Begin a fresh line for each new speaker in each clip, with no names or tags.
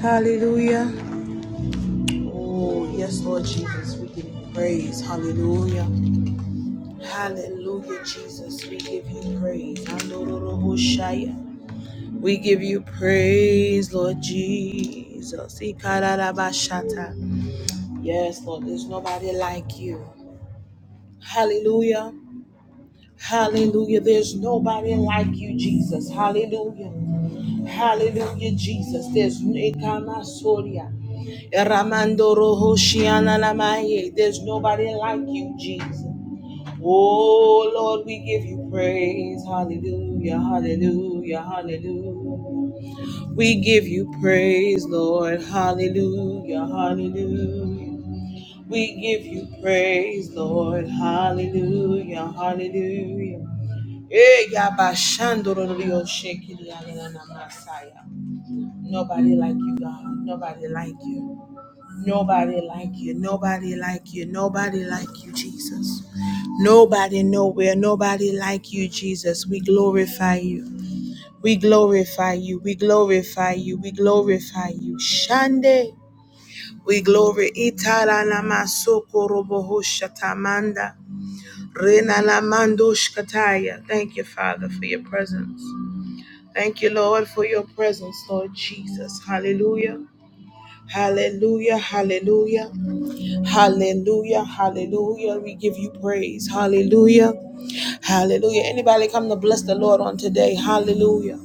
Hallelujah. Oh, yes, Lord Jesus, we give you praise. Hallelujah. Hallelujah, Jesus, we give you praise. Andororoboshaya. We give you praise, Lord Jesus. Ikararabashata. Yes, Lord, there's nobody like you. Hallelujah. Hallelujah. There's nobody like you, Jesus. Hallelujah. Hallelujah, Jesus. There's Ekamasoria. eramandoro Rohoshiana Namaye. There's nobody like you, Jesus. Oh Lord, we give you praise. Hallelujah. Hallelujah. Hallelujah. We give you praise, Lord. Hallelujah. Hallelujah. We give you praise, Lord. Hallelujah. Hallelujah. Eh, yabashandororyo, shekiriyananamasaya. Nobody like you, God. Nobody like you. Nobody like you. Nobody like you. Nobody like you, Jesus. Nobody nowhere. Nobody like you, Jesus. We glorify you. We glorify you. We glorify you. We glorify you. Shande. We glory itala namasoko roboho shatamanda. Rena la mando shkataya. Thank you, Father, for your presence. Thank you, Lord, for your presence, Lord Jesus. Hallelujah. Hallelujah. Hallelujah. Hallelujah. Hallelujah. We give you praise. Hallelujah. Hallelujah. Anybody come to bless the Lord on today? Hallelujah.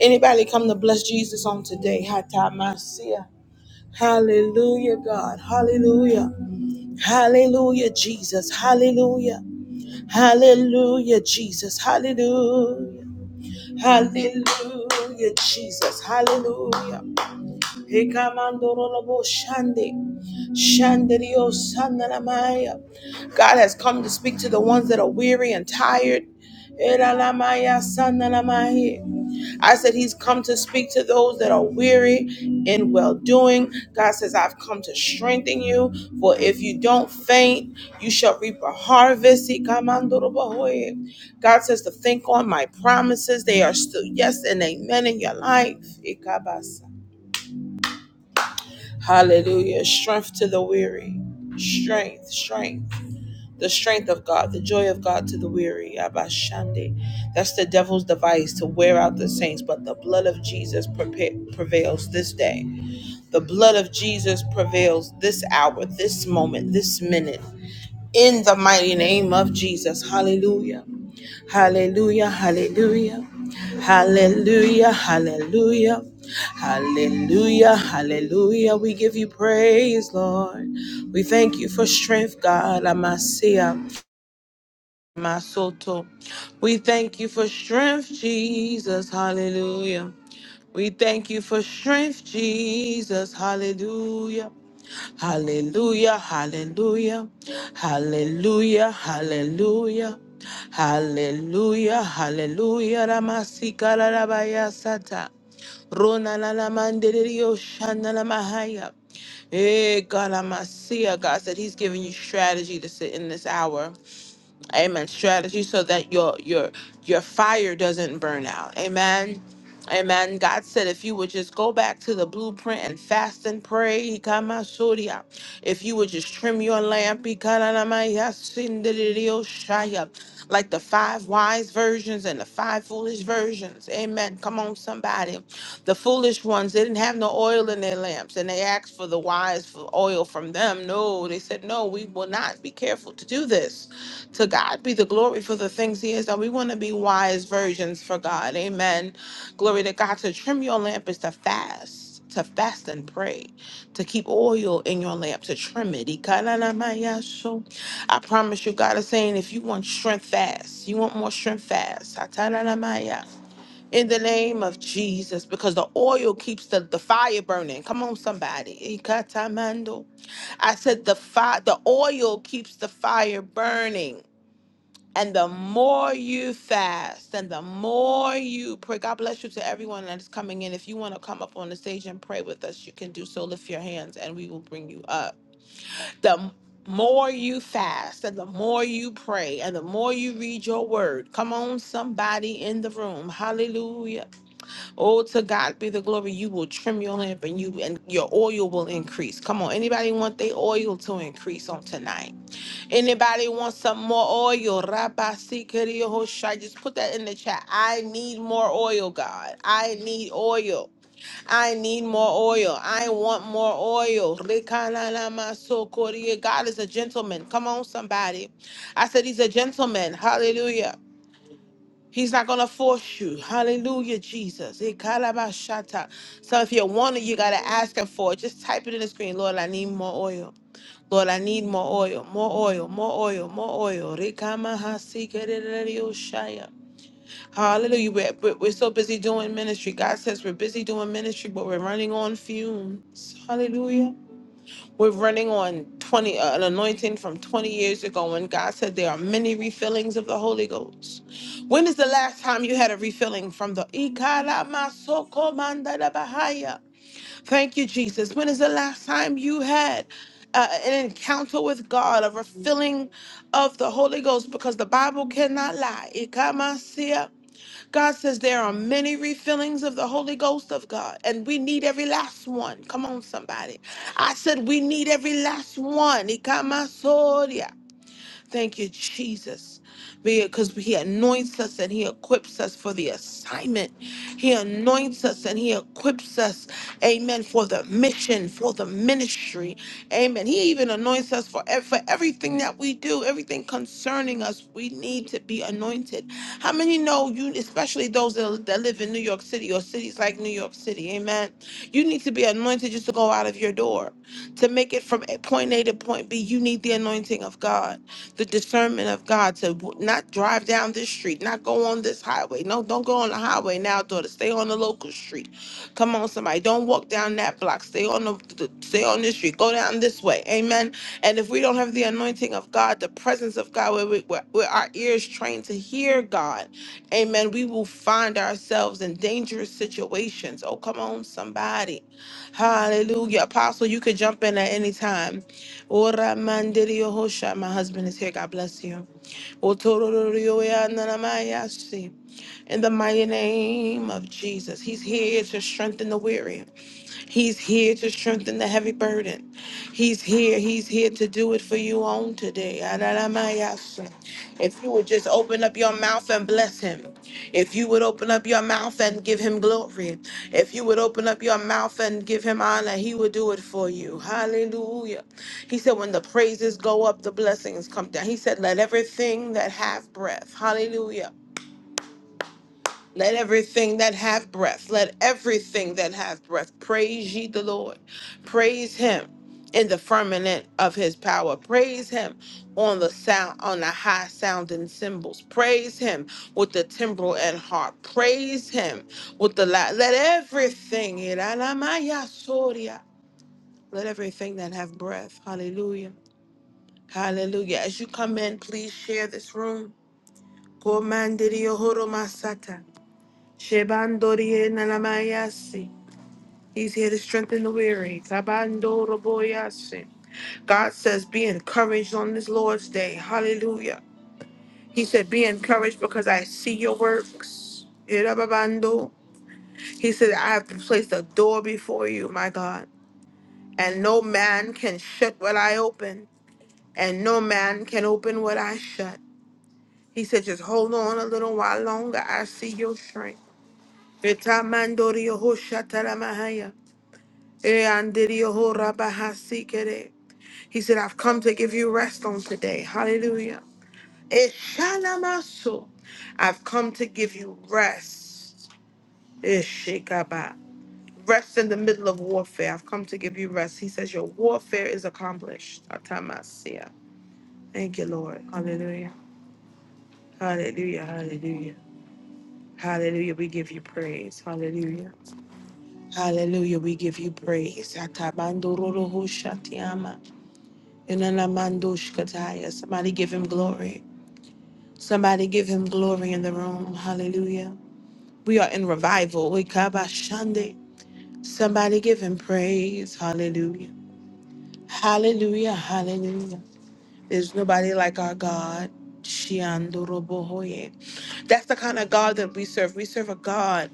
Anybody come to bless Jesus on today? Hatamasia. Hallelujah, God. Hallelujah. Hallelujah, Jesus. Hallelujah. Hallelujah, Jesus. Hallelujah. Hallelujah, Jesus. Hallelujah. Hikamandorolobo shande, shanderio sandalamaya. God has come to speak to the ones that are weary and tired. Elalamaya sandalamaya. I said he's come to speak to those that are weary in well doing. God says, I've come to strengthen you, for if you don't faint, you shall reap a harvest. Hikamandorobohoye. God says to think on my promises. They are still yes and amen in your life. Hallelujah. Strength to the weary. Strength, strength. The strength of God, the joy of God to the weary. Abashande. That's the devil's device to wear out the saints, but the blood of Jesus prevails this day. The blood of Jesus prevails this hour, this moment, this minute. In the mighty name of Jesus. Hallelujah. Hallelujah, hallelujah, hallelujah, hallelujah, hallelujah, hallelujah. We give you praise, Lord. We thank you for strength, God. Amasia, Masoto. We thank you for strength, Jesus. Hallelujah. We thank you for strength, Jesus. Hallelujah. Hallelujah, hallelujah, hallelujah, hallelujah, hallelujah, hallelujah, Ramasika Rabaya Sata, Rona Lala Mandirio Shandala Mahaya. Eh, God, Amasia, God said He's giving you strategy to sit in this hour amen strategy so that your your your fire doesn't burn out amen amen god said if you would just go back to the blueprint and fast and pray he kama surya. if you would just trim your lamp he kana na ma shaya. like the five wise versions and the five foolish versions amen come on somebody the foolish ones they didn't have no oil in their lamps and they asked for the wise for oil from them no they said no we will not be careful to do this to God be the glory for the things He has done. We want to be wise virgins for God. Amen. Glory to God. To trim your lamp is to fast, to fast and pray, to keep oil in your lamp, to trim it. Ikananamayasho. I promise you, God is saying, if you want strength fast, you want more strength fast. Atananamaya. In the name of Jesus, because the oil keeps the, the fire burning. Come on, somebody. Ikatamando. I said the fire, the oil keeps the fire burning. And the more you fast and the more you pray, God bless you to everyone that's coming in. If you want to come up on the stage and pray with us, you can do so. Lift your hands and we will bring you up. The more you fast and the more you pray and the more you read your word, come on, somebody in the room. Hallelujah. Oh, to God be the glory. You will trim your lamp and you and your oil will increase. Come on, anybody want their oil to increase on tonight? Anybody want some more oil? Rabbi Sikiriyoshai. Just put that in the chat. I need more oil, God. I need oil. I need more oil. I want more oil. Rikanalamasokori. God is a gentleman. Come on, somebody. I said he's a gentleman. Hallelujah. He's not gonna force you. Hallelujah, Jesus. Ikalabashata. So if you want it, you gotta ask him for it. Just type it in the screen. Lord, I need more oil. Lord, I need more oil, more oil, more oil, more oil. Rikamahasikerererioshaya. Hallelujah. We're, we're we're so busy doing ministry. God says we're busy doing ministry, but we're running on fumes. Hallelujah. We're running on 20 uh, an anointing from 20 years ago when God said there are many refillings of the Holy Ghost. When is the last time you had a refilling from the Ikaramasoko mandalabahaya? Thank you, Jesus. When is the last time you had uh, an encounter with God, a refilling of the Holy Ghost? Because the Bible cannot lie. Ikamasia. God says there are many refillings of the Holy Ghost of God, and we need every last one. Come on, somebody. I said we need every last one. Ikamasoria. Thank you, Jesus. Because he anoints us and he equips us for the assignment. He anoints us and he equips us, amen, for the mission, for the ministry. Amen. He even anoints us for, ev- for everything that we do, everything concerning us. We need to be anointed. How many know you, especially those that, that live in New York City or cities like New York City? Amen. You need to be anointed just to go out of your door. To make it from point A to point B, you need the anointing of God the discernment of God to w- not drive down this street, not go on this highway. No, don't go on the highway now, daughter. Stay on the local street. Come on, somebody. Don't walk down that block. Stay on the, the stay on this street. Go down this way. Amen. And if we don't have the anointing of God, the presence of God, where, we, where, where our ears trained to hear God, amen, we will find ourselves in dangerous situations. Oh, come on, somebody. Hallelujah. Apostle, you could jump in at any time. Ora mandirio hosha. My husband is here. God bless you. Otorororioe ananamayasi. In the mighty name of Jesus, He's here to strengthen the weary. He's here to strengthen the heavy burden. He's here. He's here to do it for you on today. Adalamayasa. If you would just open up your mouth and bless him. If you would open up your mouth and give him glory. If you would open up your mouth and give him honor, he would do it for you. Hallelujah. He said, when the praises go up, the blessings come down. He said, let everything that have breath, hallelujah let everything that have breath, let everything that have breath praise ye the Lord. Praise him in the firmament of his power. Praise him on the sound on the high sounding cymbals. Praise him with the timbrel and harp. Praise him with the la- let everything let everything that have breath. Hallelujah. Hallelujah. As you come in, please share this room. Komandiriyohoromasata. Shebandorie nanamayasi. He's here to strengthen the weary. Tabandoroboyasi. God says, Be encouraged on this Lord's day. Hallelujah. He said, Be encouraged because I see your works. Irababando. He said, I have placed a door before you, my God. And no man can shut what I open, and no man can open what I shut. He said, Just hold on a little while longer. I see your strength. Vitamandorio hoshataramaha. Eh, andirio rabahasikere. He said, I've come to give you rest on today. Hallelujah. Eshalamaso. I've come to give you rest. Eshikaba. Rest in the middle of warfare. I've come to give you rest. He says, Your warfare is accomplished. Atamasia. Thank you, Lord. Hallelujah. Hallelujah. Hallelujah. Hallelujah. We give you praise. Hallelujah. Hallelujah. We give you praise. Atabandororo hoshatiama. Inanamandushkataya. Somebody give him glory. Somebody give him glory in the room. Hallelujah. We are in revival. We kabashande. Somebody give him praise. Hallelujah. Hallelujah. Hallelujah. There's nobody like our God. Shiandorobohoye. That's the kind of God that we serve. We serve a God,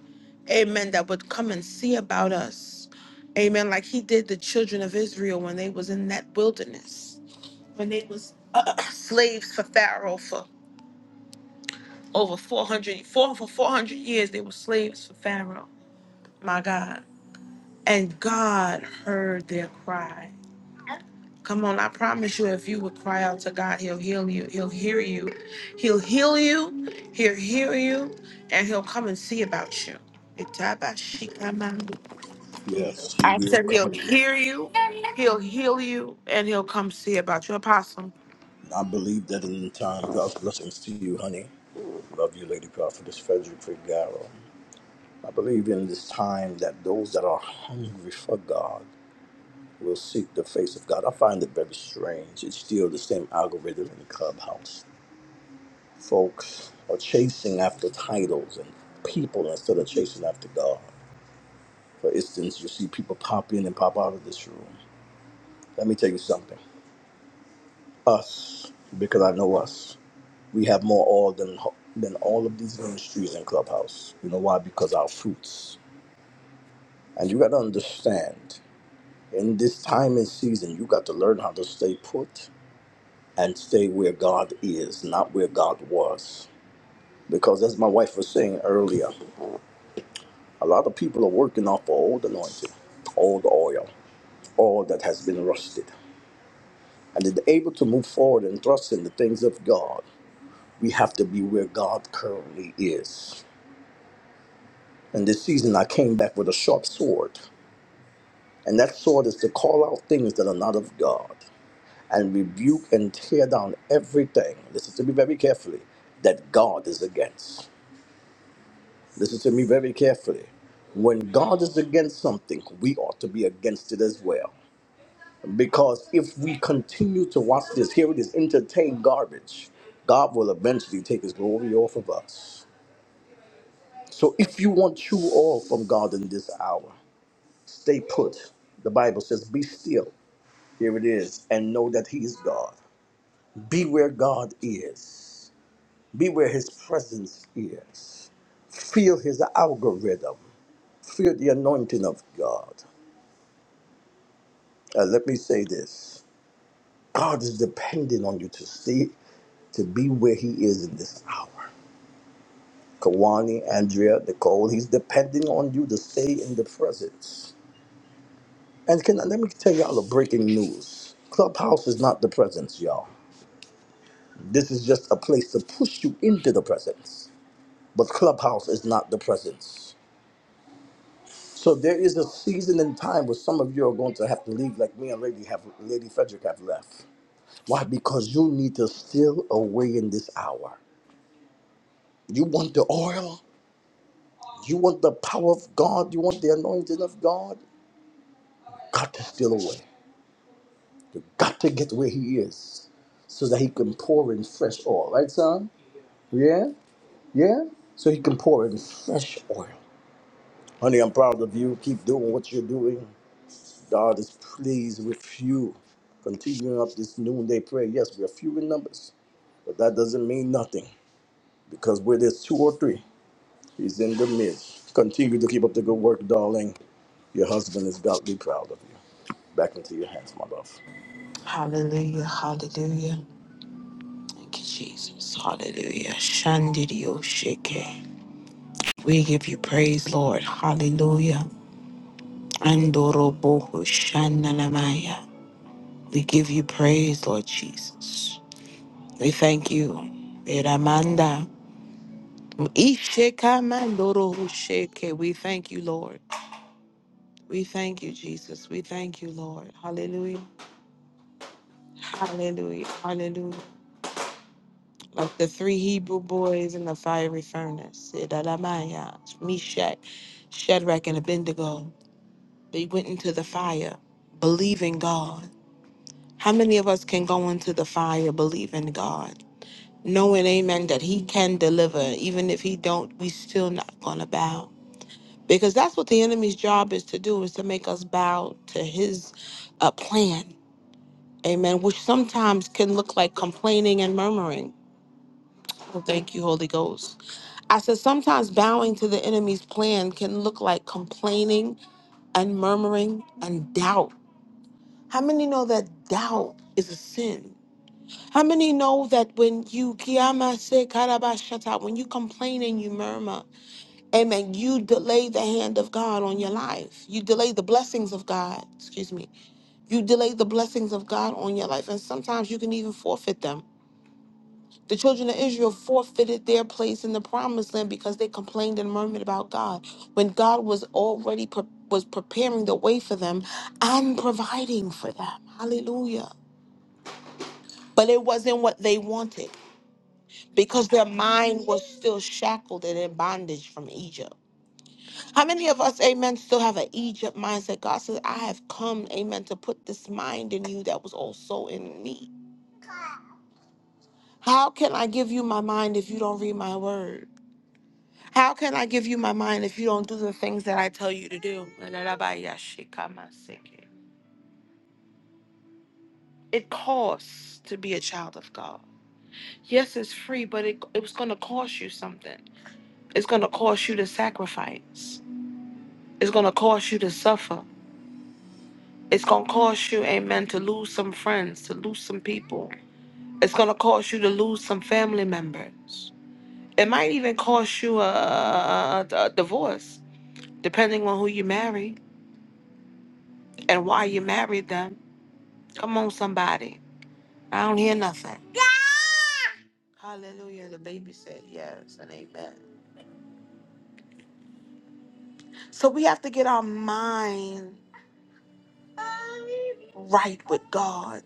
amen, that would come and see about us. Amen. Like he did the children of Israel when they was in that wilderness. when they was uh, slaves for Pharaoh for over four hundred, four for 400 years, they were slaves for Pharaoh. My God. And God heard their cry. Come on, I promise you, if you would cry out to God, He'll heal you. He'll hear you. He'll heal you. He'll hear you. And He'll come and see about you. Itabashikamandu.
Yes, he will
Said He'll
come.
hear you. He'll heal you. And He'll come see about you. Apostle.
I believe that in time. God's blessings to you, honey. Love you, Lady Prophetess Frederick Figaro. I believe in this time that those that are hungry for God will seek the face of God. I find it very strange. It's still the same algorithm in Clubhouse. Folks are chasing after titles and people instead of chasing after God. For instance, you see people pop in and pop out of this room. Let me tell you something. Us, because I know us. We have more oil than than all of these ministries in Clubhouse. You know why? Because our fruits. And you got to understand, in this time and season, you got to learn how to stay put and stay where God is, not where God was. Because as my wife was saying earlier, a lot of people are working off of old anointing, old oil, oil that has been rusted. And to be able to move forward and thrust in the things of God, we have to be where God currently is. In this season, I came back with a sharp sword, and that sword is to call out things that are not of God and rebuke and tear down everything. Listen to me very carefully that God is against. Listen to me very carefully. When God is against something, we ought to be against it as well. Because if we continue to watch this, here it is, entertain garbage, God will eventually take his glory off of us. So if you want true oil from God in this hour, Stay put. The Bible says, Be still. Here it is. And know that He is God. Be where God is, be where His presence is. Feel His algorithm, feel the anointing of God. Uh, let me say this God is depending on you to stay, to be where He is in this hour. Kawani, Andrea, Nicole, He's depending on you to stay in the presence. And can let me tell y'all a breaking news Clubhouse is not the presence, y'all. This is just a place to push you into the presence. But Clubhouse is not the presence. So there is a season and time where some of you are going to have to leave, like me and Lady have Lady Frederick have left. Why? Because you need to steal away in this hour. You want the oil, you want the power of God, you want the anointing of God. Got to steal away. You got to get where He is, so that He can pour in fresh oil. Right, son? Yeah, yeah. So He can pour in fresh oil. Honey, I'm proud of you. Keep doing what you're doing. God is pleased with you. Continuing up this noonday prayer. Yes, we are few in numbers, but that doesn't mean nothing because where there's two or three, He's in the midst. Continue to keep up the good work, darling. Your husband is godly proud of you. Back into your hands, my love.
Hallelujah. Hallelujah. Thank you, Jesus. Hallelujah. Shandirio sheke. We give you praise, Lord. Hallelujah. Andorobohu shananamaya. We give you praise, Lord Jesus. We thank you. Eramanda. Isheka mandorohu sheke. We thank you, Lord. We thank you, Jesus. We thank you, Lord. Hallelujah. Hallelujah. Hallelujah. Like the three Hebrew boys in the fiery furnace, Idalamaya, Meshach, Shadrach, and Abednego. They went into the fire, believing God. How many of us can go into the fire believing God? Knowing, amen, that he can deliver. Even if he don't, we still not gonna bow. Because that's what the enemy's job is to do, is to make us bow to his uh, plan. Amen. Which sometimes can look like complaining and murmuring. Well, thank you, Holy Ghost. I said, sometimes bowing to the enemy's plan can look like complaining and murmuring and doubt. How many know that doubt is a sin? How many know that when you kiyamase karabashata, when you complain and you murmur, amen, you delay the hand of God on your life. You delay the blessings of God, excuse me. You delay the blessings of God on your life. And sometimes you can even forfeit them. The children of Israel forfeited their place in the promised land because they complained and murmured about God when God was already pre- was preparing the way for them and providing for them. Hallelujah. But it wasn't what they wanted because their mind was still shackled and in bondage from Egypt. How many of us, amen, still have an Egypt mindset? God says, I have come, amen, to put this mind in you that was also in me. How can I give you my mind if you don't read my word? How can I give you my mind if you don't do the things that I tell you to do? It costs to be a child of God. Yes, it's free, but it, it was going to cost you something. It's going to cost you to sacrifice. It's going to cost you to suffer. It's going to cost you, amen, to lose some friends, to lose some people. It's going to cost you to lose some family members. It might even cost you a, a a- a divorce, depending on who you marry and why you married them Come on, somebody. I don't hear nothing. Hallelujah. The baby said yes and amen. So we have to get our mind right with God.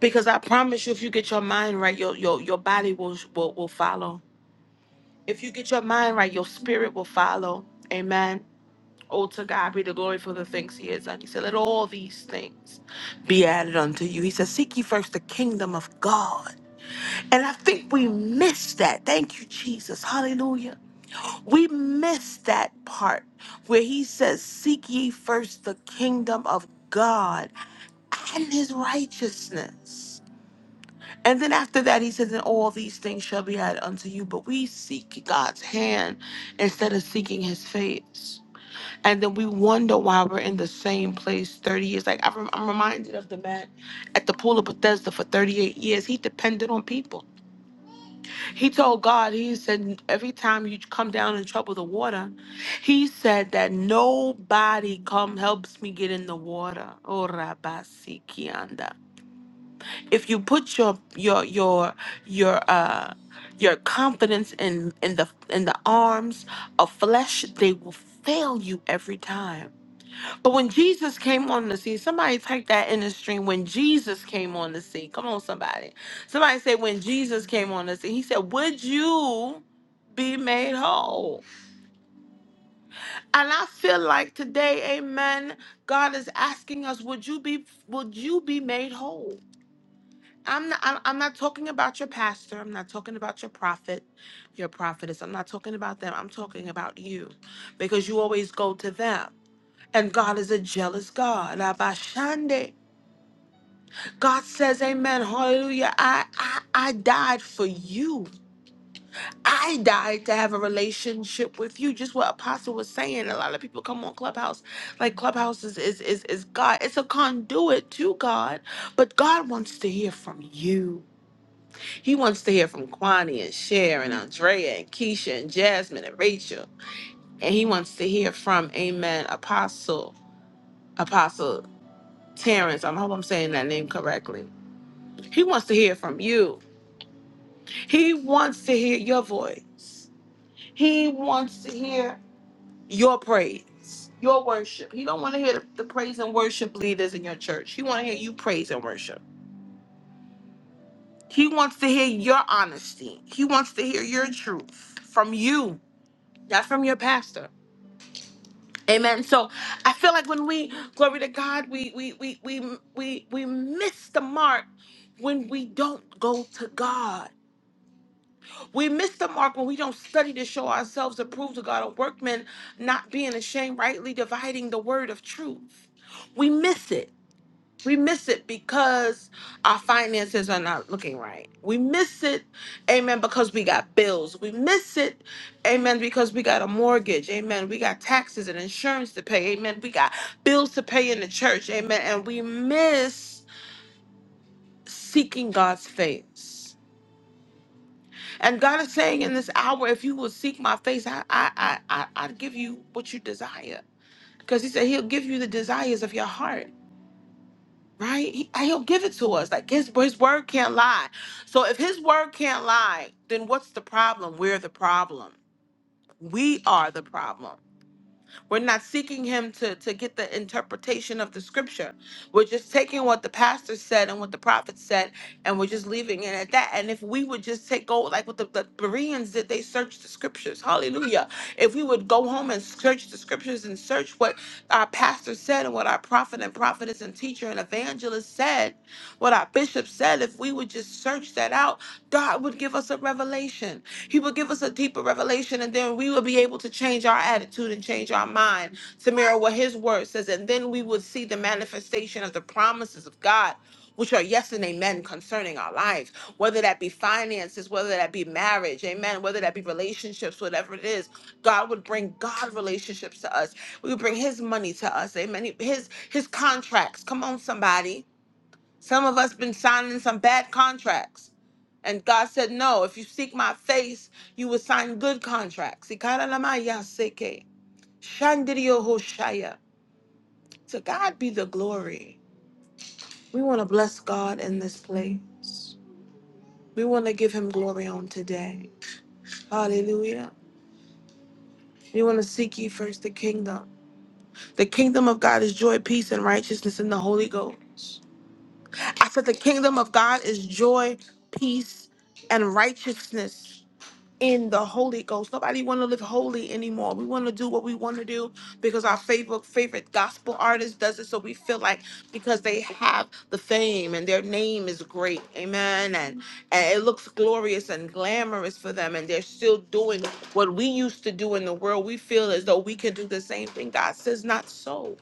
Because I promise you, if you get your mind right, your your, your body will, will will follow. If you get your mind right, your spirit will follow. Amen. Oh, to God be the glory for the things He has done. He said, Let all these things be added unto you. He said, Seek ye first the kingdom of God. And I think we miss that. Thank you, Jesus. Hallelujah. We miss that part where he says, Seek ye first the kingdom of God and his righteousness. And then after that, he says, And all these things shall be added unto you. But we seek God's hand instead of seeking his face. And then we wonder why we're in the same place 30 years. Like I rem- I'm reminded of the man at the pool of Bethesda for 38 years. He depended on people. He told God, he said, every time you come down and trouble the water, he said that nobody come helps me get in the water. Oh, Rabasikianda. If you put your your your your uh your confidence in in the in the arms of flesh, they will fail you every time. But when Jesus came on the scene, somebody type that in the stream. When Jesus came on the scene, come on, somebody. Somebody say, when Jesus came on the scene, he said, Would you be made whole? And I feel like today, amen, God is asking us, Would you be would you be made whole? I'm not I'm I'm not talking about your pastor. I'm not talking about your prophet, your prophetess. I'm not talking about them. I'm talking about you. Because you always go to them. And God is a jealous God. Abashande. God says, Amen, hallelujah. I, I I died for you. I died to have a relationship with you. Just what Apostle was saying. A lot of people come on Clubhouse. Like Clubhouse is is is, is God. It's a conduit to God, but God wants to hear from you. He wants to hear from Kwani and Cher and Andrea and Keisha and Jasmine and Rachel. And he wants to hear from Amen Apostle. Apostle Terrence. I hope I'm saying that name correctly. He wants to hear from you. He wants to hear your voice. He wants to hear your praise, your worship. He don't want to hear the, the praise and worship leaders in your church. He want to hear you praise and worship. He wants to hear your honesty. He wants to hear your truth from you, not from your pastor. Amen. So I feel like when we glory to God, we we we we we we miss the mark when we don't go to God. We miss the mark when we don't study to show ourselves approved to God, a workman not being ashamed, rightly dividing the word of truth. We miss it. We miss it because our finances are not looking right. We miss it, amen, because we got bills. We miss it, amen, because we got a mortgage, amen. We got taxes and insurance to pay, amen. We got bills to pay in the church, amen. And we miss seeking God's face. And God is saying in this hour, if you will seek my face, I I I I I'll give you what you desire. Because he said he'll give you the desires of your heart, right? He, will give it to us. Like his his word can't lie. So if his word can't lie, then what's the problem? We're the problem. We are the problem. We're not seeking him to, to get the interpretation of the scripture. We're just taking what the pastor said and what the prophet said, and we're just leaving it at that. And if we would just take go like what the, the Bereans did, they searched the scriptures. Hallelujah. If we would go home and search the scriptures and search what our pastor said and what our prophet and prophetess and teacher and evangelist said, what our bishop said, if we would just search that out, God would give us a revelation. He would give us a deeper revelation, and then we would be able to change our attitude and change our mind to mirror what His word says. And then we would see the manifestation of the promises of God. Which are yes and amen concerning our lives, whether that be finances, whether that be marriage, amen, whether that be relationships, whatever it is, God would bring God relationships to us. We would bring His money to us, amen. His His contracts. Come on, somebody. Some of us been signing some bad contracts. And God said, No, if you seek my face, you will sign good contracts. Ikaralamayaseke. Shandirio hoshaya. To God be the glory. We want to bless God in this place. We want to give him glory on today. Hallelujah. We want to seek ye first the kingdom. The kingdom of God is joy, peace, and righteousness in the Holy Ghost. I said, The kingdom of God is joy, peace, and righteousness in the Holy Ghost. Nobody want to live holy anymore. We want to do what we want to do because our favorite favorite gospel artist does it. So we feel like because they have the fame and their name is great, amen, and and it looks glorious and glamorous for them, and they're still doing what we used to do in the world. We feel as though we can do the same thing. God says not so.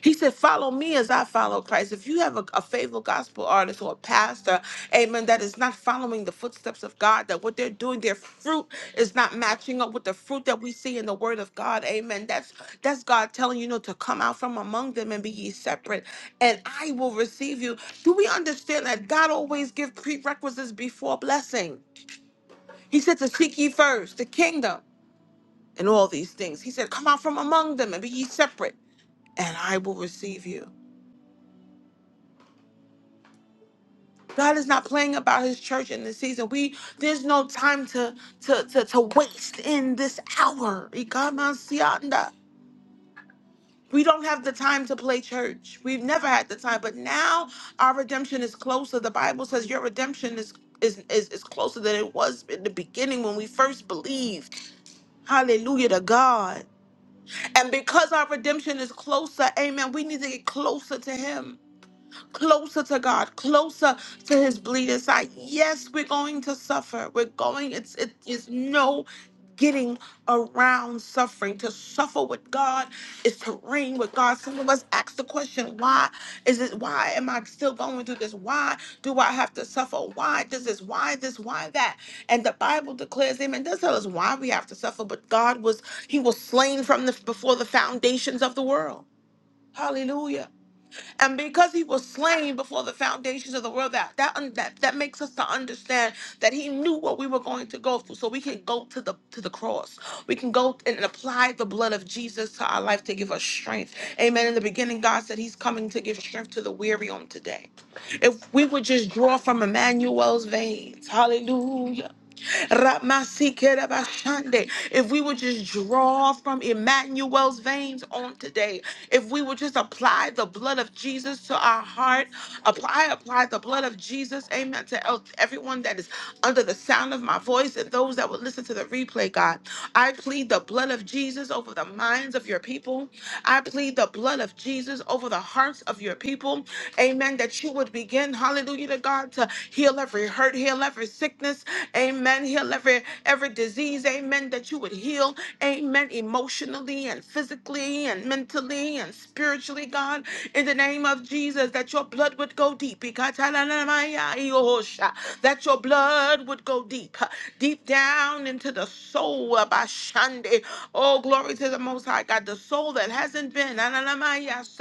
He said, Follow me as I follow Christ. If you have a, a faithful gospel artist or a pastor, amen, that is not following the footsteps of God, that what they're doing, their fruit is not matching up with the fruit that we see in the word of God. Amen. That's that's God telling you, you know, to come out from among them and be ye separate, and I will receive you. Do we understand that God always gives prerequisites before blessing? He said to seek ye first the kingdom and all these things. He said, Come out from among them and be ye separate, and I will receive you. God is not playing about his church in this season. We there's no time to to to, to waste in this hour. Ikamasianda. We don't have the time to play church. We've never had the time, but now our redemption is closer. The Bible says your redemption is is, is, is closer than it was in the beginning when we first believed. Hallelujah to God. And because our redemption is closer, amen, we need to get closer to Him closer to God, closer to his bleeding side. Yes, we're going to suffer. We're going, it's it is no getting around suffering. To suffer with God is to reign with God. Some of us ask the question, why is it why am I still going through this? Why do I have to suffer? Why does this? Why this? Why that? And the Bible declares, Amen, does tell us why we have to suffer, but God was He was slain from the before the foundations of the world. Hallelujah. And because he was slain before the foundations of the world, that that that, that makes us to understand that he knew what we were going to go through. So we can go to the to the cross. We can go and apply the blood of Jesus to our life to give us strength. Amen. In the beginning, God said he's coming to give strength to the weary on today. If we would just draw from Emmanuel's veins, hallelujah. Ramasikerabashande. If we would just draw from Emmanuel's veins on today, if we would just apply the blood of Jesus to our heart, apply, apply the blood of Jesus, amen, to el- everyone that is under the sound of my voice and those that would listen to the replay, God. I plead the blood of Jesus over the minds of your people. I plead the blood of Jesus over the hearts of your people. Amen. That you would begin, hallelujah hallelujah to God, to heal every hurt, heal every sickness, amen, heal every every disease, amen, that you would heal, amen, emotionally and physically and mentally and spiritually, God, in the name of Jesus, that your blood would go deep, that your blood would go deep, deep down into the soul of Ashande. Oh, glory to the Most High God, the soul that hasn't been,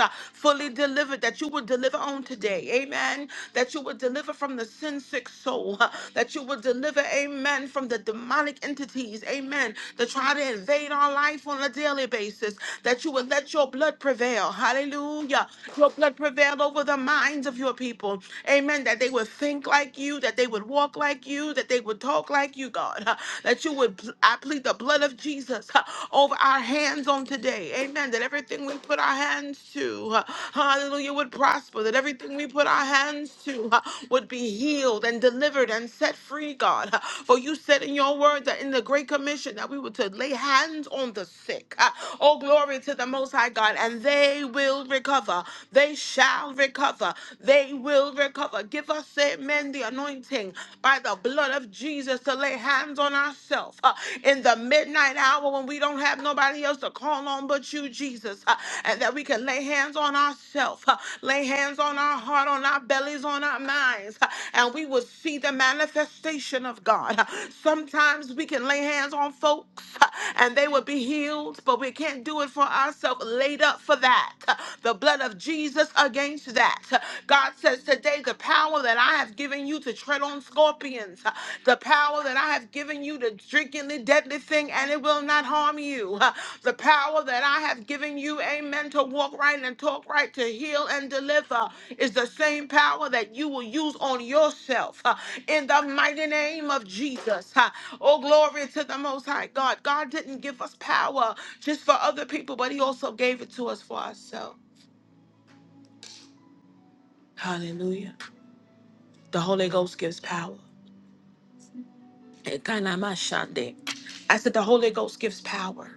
uh, fully delivered, that you would deliver on today. Amen. That you would deliver from the sin sick soul, uh, that you would deliver, amen, from the demonic entities, amen, that try to invade our life on a daily basis, that you would let your blood prevail. Hallelujah. Your blood prevail over the minds of your people. Amen. That they would think like you, that they would walk like you, that they would talk like you, God. That you would, I plead the blood of Jesus over our hands on today. Amen. That everything we put our hands to, uh, hallelujah, would prosper. That everything we put our hands to uh, would be healed and delivered and set free, God. Uh, For you said in your word that in the Great Commission that we were to lay hands on the sick. Uh, Oh, glory to the Most High God. And they will recover. They shall recover. They will recover. Give us, amen, the anointing by the blood of Jesus to lay hands on ourselves uh, in the midnight hour when we don't have nobody else to call on but you, Jesus, uh, and that we can lay hands on ourselves, uh, lay hands on our heart, on our bellies, on our minds, uh, and we will see the manifestation of God. Uh, Sometimes we can lay hands on folks uh, and they will be healed, but we can't do it for ourselves. Laid up for that. Uh, The blood of Jesus against that. Uh, God says today, the power that I have given you to tread on scorpions, uh, the power that I have given you to drink in the deadly thing and it will not harm you, uh, the power that I have given you, amen, to walk right and talk right, to heal and deliver is the same power that you will use on yourself uh, in the mighty name of Jesus. uh. Oh, glory to the Most High God. God didn't give us power just for other people, but He also gave it to us for ourselves. Hallelujah. The Holy Ghost gives power. Ekanamashandeh. I said the Holy Ghost gives power.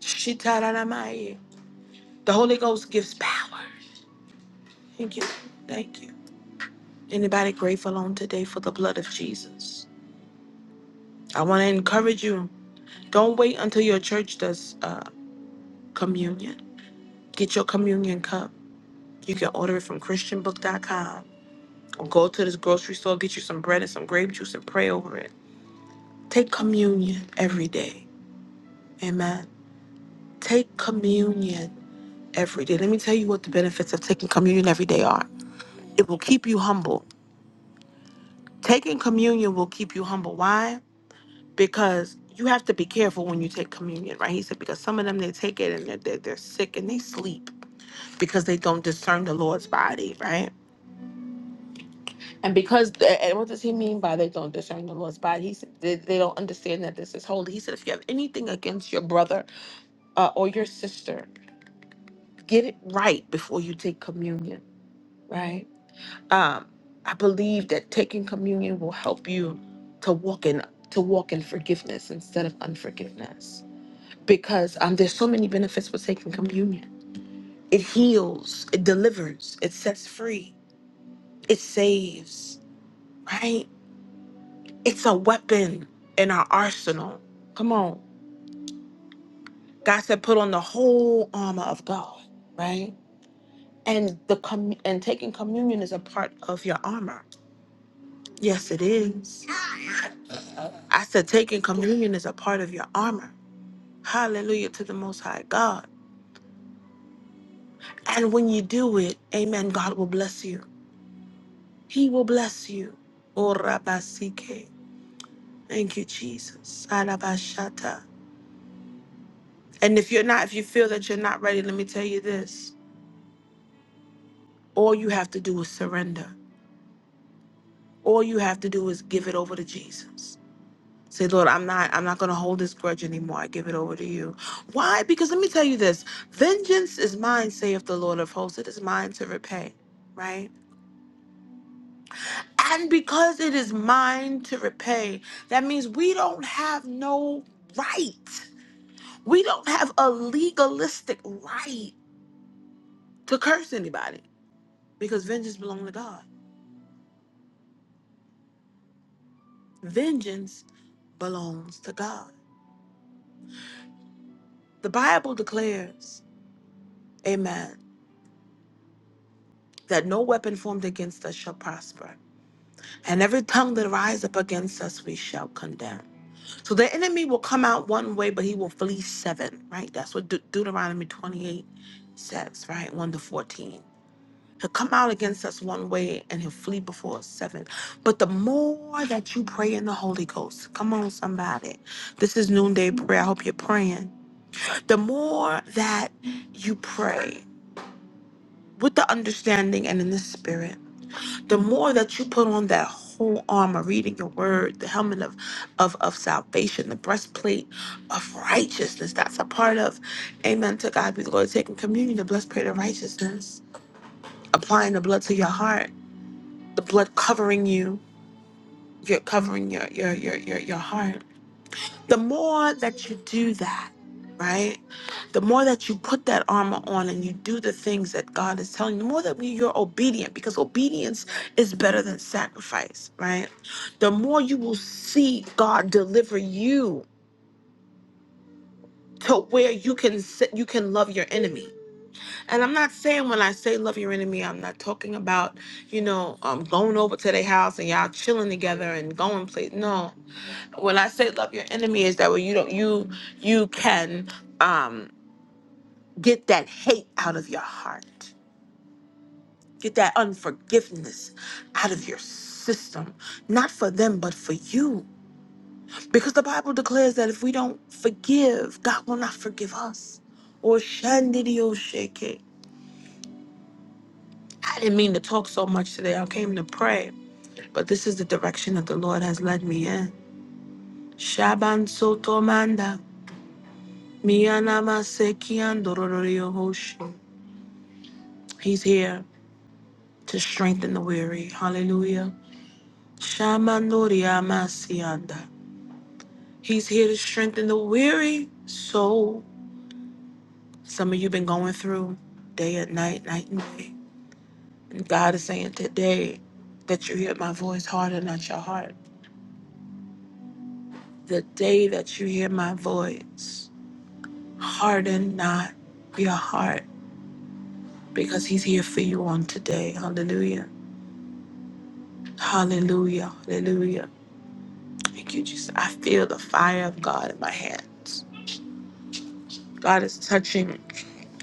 Shitaramaye. The Holy Ghost gives power. Thank you. Thank you. Anybody grateful on today for the blood of Jesus? I want to encourage you. Don't wait until your church does uh, communion. Get your communion cup. You can order it from ChristianBook.com or go to this grocery store, get you some bread and some grape juice and pray over it. Take communion every day. Amen. Take communion. every day. Let me tell you what the benefits of taking communion every day are. It will keep you humble. Taking communion will keep you humble. Why? Because you have to be careful when you take communion, right? He said, because some of them, they take it and they're, they're, they're sick and they sleep because they don't discern the Lord's body, right? And because, and what does he mean by they don't discern the Lord's body? He said, they, they don't understand that this is holy. He said, if you have anything against your brother uh, or your sister, get it right before you take communion, right? um, I believe that taking communion will help you to walk in to walk in forgiveness instead of unforgiveness. Because um, there's so many benefits with taking communion. It heals, it delivers, it sets free, it saves. Right? It's a weapon in our arsenal. Come on, God said, put on the whole armor of God. Right? And the com- and taking communion is a part of your armor. Yes, it is I said, taking communion is a part of your armor. Hallelujah to the Most High God. And when you do it, amen, God will bless you. He will bless you. Oh, Rabasike. Thank you, Jesus. Arabashata. And if you're not, if you feel that you're not ready, let me tell you this. All you have to do is surrender. All you have to do is give it over to Jesus. Say, Lord, I'm not I'm not gonna hold this grudge anymore. I give it over to you. Why? Because let me tell you this. Vengeance is mine, saith the Lord of hosts. It is mine to repay, right? And because it is mine to repay, that means we don't have no right. We don't have a legalistic right to curse anybody because vengeance belongs to God. Vengeance belongs to God. The Bible declares, amen, that no weapon formed against us shall prosper. And every tongue that rise up against us, we shall condemn. So the enemy will come out one way, but he will flee seven, right? That's what De- Deuteronomy 28 says, right? 1 to 14. He'll come out against us one way and he'll flee before us seven. But the more that you pray in the Holy Ghost, come on, somebody. This is noonday prayer. I hope you're praying. The more that you pray with the understanding and in the spirit, the more that you put on that whole armor, reading your word, the helmet of, of, of salvation, the breastplate of righteousness, that's a part of, amen, to God be the glory, taking communion, the breastplate of righteousness, applying the blood to your heart, the blood covering you, you're covering your, your, your, your, your heart the more that you do that, right? The more that you put that armor on and you do the things that God is telling you, the more that we, you're obedient, because obedience is better than sacrifice, right? The more you will see God deliver you to where you can sit, you can love your enemy. And I'm not saying when I say love your enemy, I'm not talking about, you know, um, going over to their house and y'all chilling together and going place. No, when I say love your enemy is that when you don't you you can um get that hate out of your heart. Get that unforgiveness out of your system. Not for them, but for you. Because the Bible declares that if we don't forgive, God will not forgive us. Or shandidio shake. I didn't mean to talk so much today. I came to pray. But this is the direction that the Lord has led me in. Shaban sotomanda. Mianama sekian dorororiohoshi. He's here to strengthen the weary. Hallelujah. Shamanoria masianda. He's here to strengthen the weary soul. Some of you been going through day and night, night and day. And God is saying today that you hear my voice, harden not your heart. The day that you hear my voice, harden not your heart because he's here for you on today. Hallelujah. Hallelujah. Hallelujah. Thank you, Jesus. I feel the fire of God in my hands. God is touching,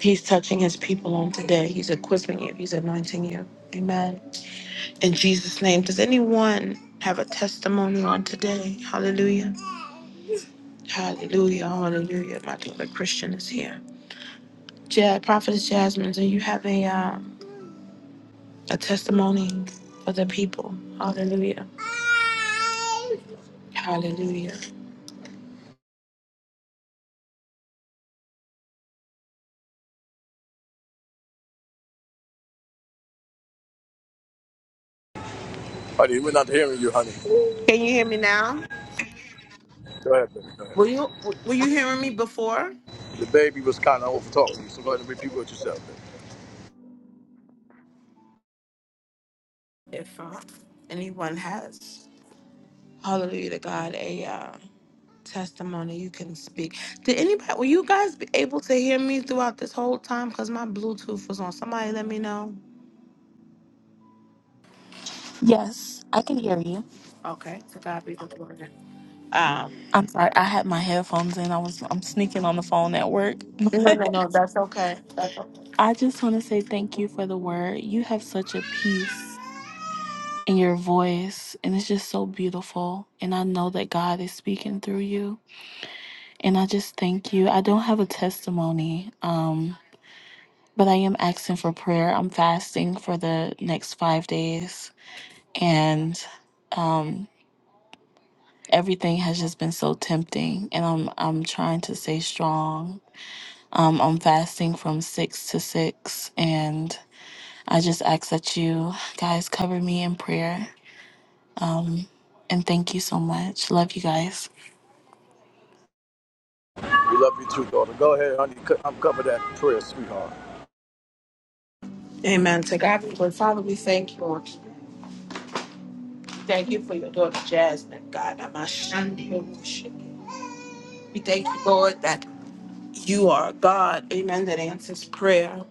He's touching His people on today. He's equipping you, He's anointing you. Amen. In Jesus' name, does anyone have a testimony on today? Hallelujah. Hallelujah. Hallelujah. My daughter Christian is here. Ja- Prophetess Jasmine, do you have a, uh, a testimony for the people? Hallelujah. Hallelujah.
Honey, we're not here. Honey,
Can you hear me now?
go ahead, baby.
Were you were you hearing me before?
The baby was kind of over talking, so go ahead and repeat what you said. Baby.
If uh, anyone has. Hallelujah to God. A uh, testimony you can speak. Did anybody, were you guys be able to hear me throughout this whole time? Because my Bluetooth was on. Somebody let me know.
Yes, I can hear you.
Okay. To God be the glory. Um,
I'm sorry, I had my headphones in. I was I'm sneaking on the phone at work.
no,
But
no, no. That's okay. That's
I just want to say thank you
okay.
for the word. You have such a peace in your voice and it's just so beautiful and I know that God is speaking through you and I just thank you. I don't have a testimony um but I am asking for prayer. I'm fasting for the next 5 days and everything has just been so tempting and I'm I'm trying to stay strong Um, I'm fasting from 6 to 6, and I just ask that you guys cover me in prayer. And thank you so much. Love you guys.
We love you too, daughter. Go ahead, honey. Co- I'm covered that prayer, sweetheart.
Amen. To God be the glory. Father, we thank you. Thank you for your daughter, Jasmine. God, I'm ashamed of you. We thank you, Lord, that you are God. Amen. That answers prayer.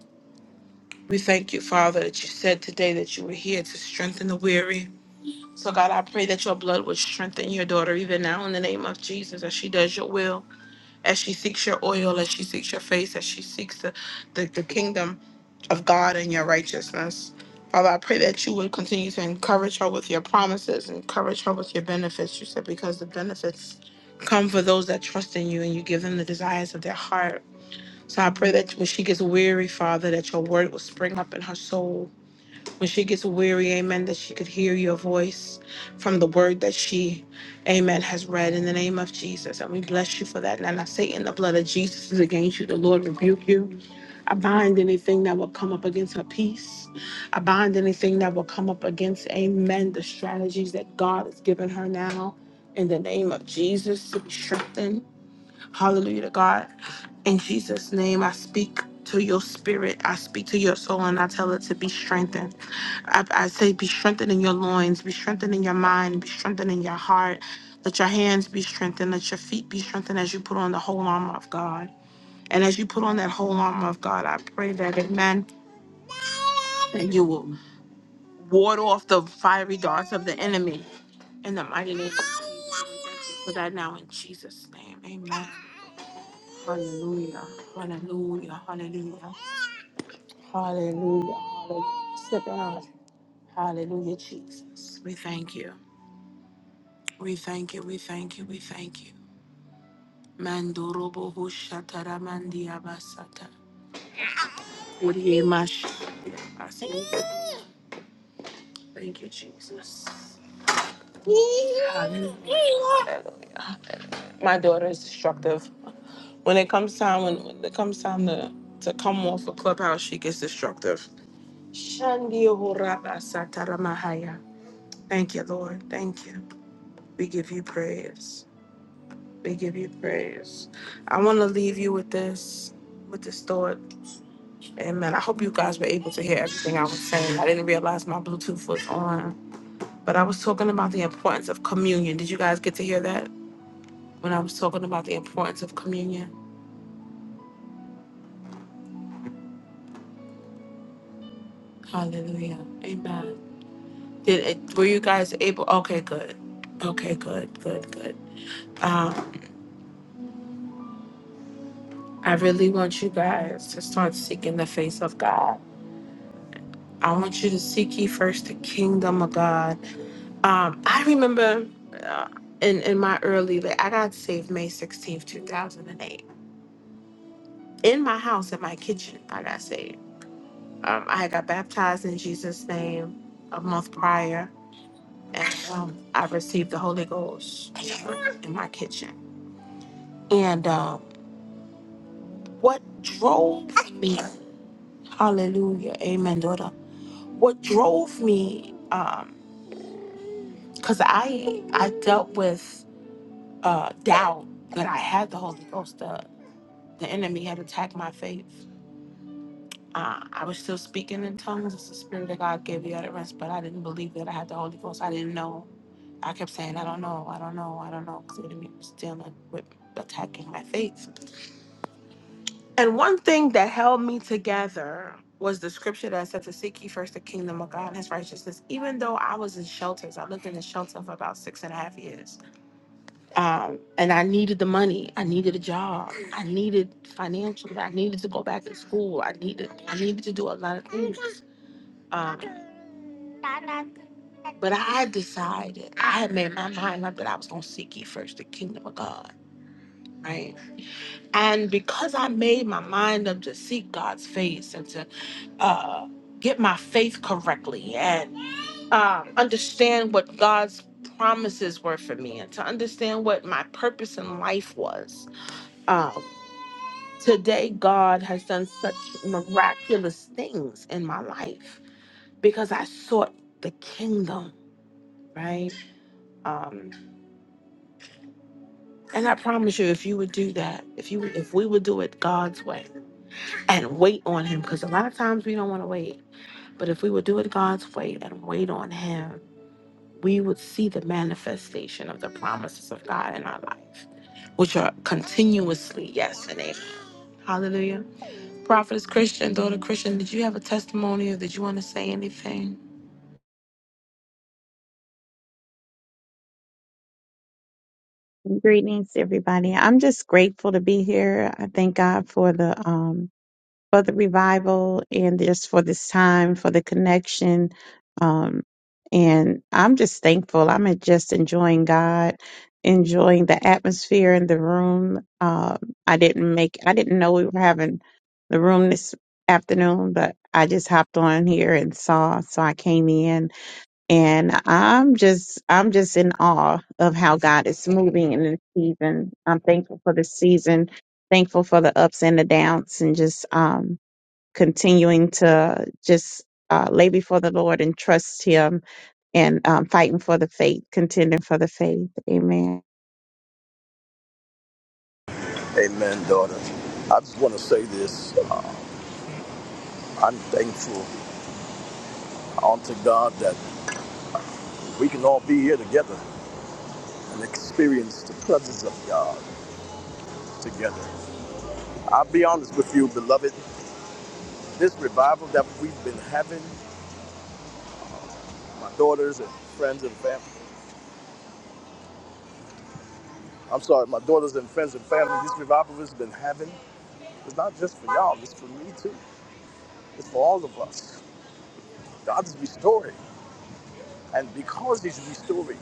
We thank you, Father, that you said today that you were here to strengthen the weary. So, God, I pray that your blood would strengthen your daughter even now in the name of Jesus as she does your will, as she seeks your oil, as she seeks your face, as she seeks the, the, the kingdom of God and your righteousness. Father, I pray that you would continue to encourage her with your promises, encourage her with your benefits. You said, because the benefits come for those that trust in you and you give them the desires of their heart. So I pray that when she gets weary, Father, that your word will spring up in her soul when she gets weary, amen, that she could hear your voice from the word that she, amen, has read in the name of Jesus. And we bless you for that. And I say, in the blood of Jesus is against you. The Lord rebuke you. I bind anything that will come up against her peace. I bind anything that will come up against, amen, the strategies that God has given her now. In the name of Jesus, to be strengthened. Hallelujah to God. In Jesus' name, I speak to your spirit. I speak to your soul and I tell it to be strengthened. I, I say, be strengthened in your loins, be strengthened in your mind, be strengthened in your heart. Let your hands be strengthened, let your feet be strengthened as you put on the whole armor of God. And as you put on that whole armor of God, I pray that, amen, that you will ward off the fiery darts of the enemy in the mighty name of Jesus. For that now in Jesus' name, amen. Hallelujah, hallelujah, hallelujah, hallelujah, hallelujah. Sit down. Hallelujah, Jesus. We thank you. We thank you, we thank you, we thank you. Mandorobo Hushataramandiyabasata. Uriyemash. Thank you, Jesus. Hallelujah. My daughter is destructive. When it comes time when, when it comes time to to come off a clubhouse, she gets destructive. Shandihorabasataramahaya. Thank you, Lord. Thank you. We give you praise. We give you praise. I want to leave you with this, with this thought. Amen. I hope you guys were able to hear everything I was saying. I didn't realize my Bluetooth was on, but I was talking about the importance of communion. Did you guys get to hear that when I was talking about the importance of communion? Hallelujah. Amen. Did it, were you guys able? Okay, good. Okay, good, good, good. Um, I really want you guys to start seeking the face of God. I want you to seek ye first the kingdom of God Um, I remember uh, in in my early, like I got saved May sixteenth, two thousand and eight, in my house in my kitchen. I got saved. Um, I got baptized in Jesus' name a month prior, and um, I received the Holy Ghost in my kitchen. And um, what drove me, Hallelujah, Amen, daughter. What drove me, because I I dealt with uh, doubt but I had the Holy Ghost. uh, The enemy had attacked my faith. Uh, I was still speaking in tongues. It's the Spirit of God gave me utterance, but I didn't believe that I had the Holy Ghost. I didn't know. I kept saying, I don't know, I don't know, I don't know, because the enemy was dealing with attacking my faith. And one thing that held me together was the scripture that said to seek ye first the kingdom of God and his righteousness. Even though I was in shelters, I lived in a shelter for about six and a half years. um, and I needed the money. I needed a job. I needed financially. I needed to go back to school. I needed. I needed to do a lot of things. Um, but I decided. I had made my mind up that I was going to seek ye first the kingdom of God. Right. And because I made my mind up to seek God's face and to uh, get my faith correctly and um, understand what God's promises were for me and to understand what my purpose in life was uh, today, God has done such miraculous things in my life because I sought the kingdom, right? Um, and I promise you, if you would do that, if you if we would do it God's way and wait on Him, because a lot of times we don't want to wait, but if we would do it God's way and wait on Him, we would see the manifestation of the promises of God in our life, which are continuously yes and amen. Hallelujah. Prophetess Christian, daughter Christian, did you have a testimony or did you want to say anything?
Greetings, everybody. I'm just grateful to be here. I thank God for the um, for the revival and just for this time, for the connection. Um, and I'm just thankful. I'm just enjoying God, enjoying the atmosphere in the room. Um, I didn't make. I didn't know we were having the room this afternoon, but I just hopped on here and saw. So I came in and I'm just I'm just in awe of how God is moving in this season. I'm thankful for this season, thankful for the ups and the downs, and just um, continuing to just uh, lay before the Lord and trust Him, and um, fighting for the faith, contending for the faith. Amen.
Amen, daughter. I just want to say this. I'm thankful unto God that we can all be here together and experience the presence of God together. I'll be honest with you, beloved. This revival that we've been having, my daughters and friends and family, I'm sorry, my daughters and friends and family, this revival has been having, it's not just for y'all, it's for me too. It's for all of us. God is restoring. And because He's restoring,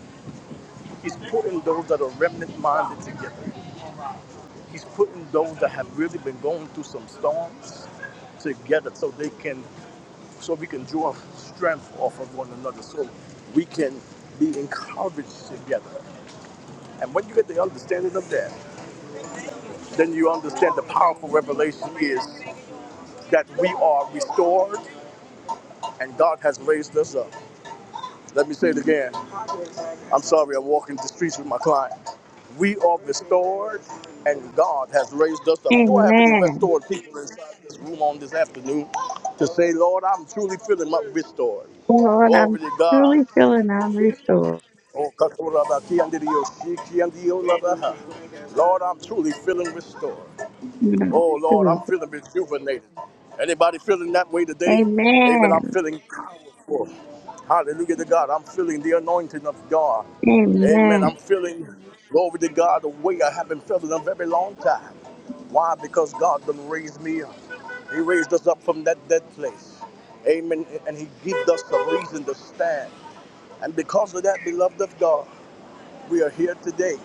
He's putting those that are remnant minded together. He's putting those that have really been going through some storms together so they can so we can draw strength off of one another so we can be encouraged together. And when you get the understanding of that, then you understand the powerful revelation is that we are restored and God has raised us up. Let me say it again. I'm sorry, I'm walking the streets with my client. We are restored, and God has raised us up. Do I have any
Amen.
restored people inside this room on this afternoon to say, Lord, I'm truly feeling my restored?
Lord,
Glory
I'm
to God.
truly feeling I'm restored.
Oh, Kakuraba, Kiandidio, Shikiandio, Labaha. Lord, I'm truly feeling restored.
Mm,
Oh Lord,
Truly.
I'm feeling rejuvenated. Anybody feeling that way today? Amen. I'm
Amen.
feeling powerful. Hallelujah to God. I'm feeling the anointing of God. Amen. I'm
Amen.
feeling glory to God the way I haven't felt in a very long time. Why? Because God done raised me up. He raised us up from that dead place. Amen. And He gives us a reason to stand. And because of that, beloved of God. We are here today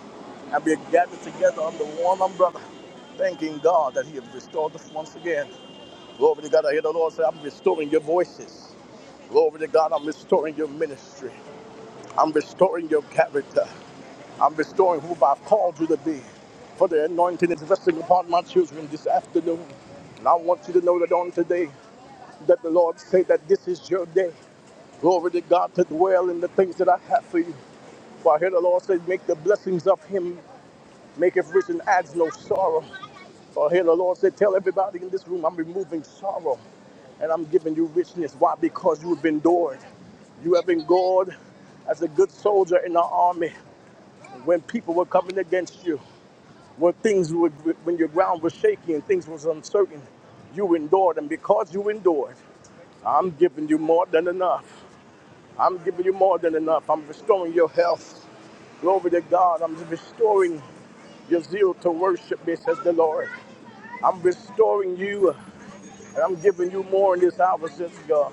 and we are gathered together under one umbrella, thanking God that He has restored us once again. Glory to God, I hear the Lord say, I'm restoring your voices. Glory to God, I'm restoring your ministry. I'm restoring your character. I'm restoring who I've called you to be. For the anointing is resting upon my children this afternoon. And I want you to know that on today, that the Lord say that this is your day. Glory to God to dwell in the things that I have for you. For I hear the Lord say, make the blessings of him maketh rich and adds no sorrow. For here the Lord said, Tell everybody in this room, I'm removing sorrow and I'm giving you richness. Why? Because you have been endured. You have endured as a good soldier in the army when people were coming against you, when things were, when your ground was shaky and things was uncertain. You endured, and because you endured, I'm giving you more than enough. I'm giving you more than enough. I'm restoring your health. Glory to God. I'm restoring your zeal to worship me, says the Lord. I'm restoring you and I'm giving you more in this hour, says God.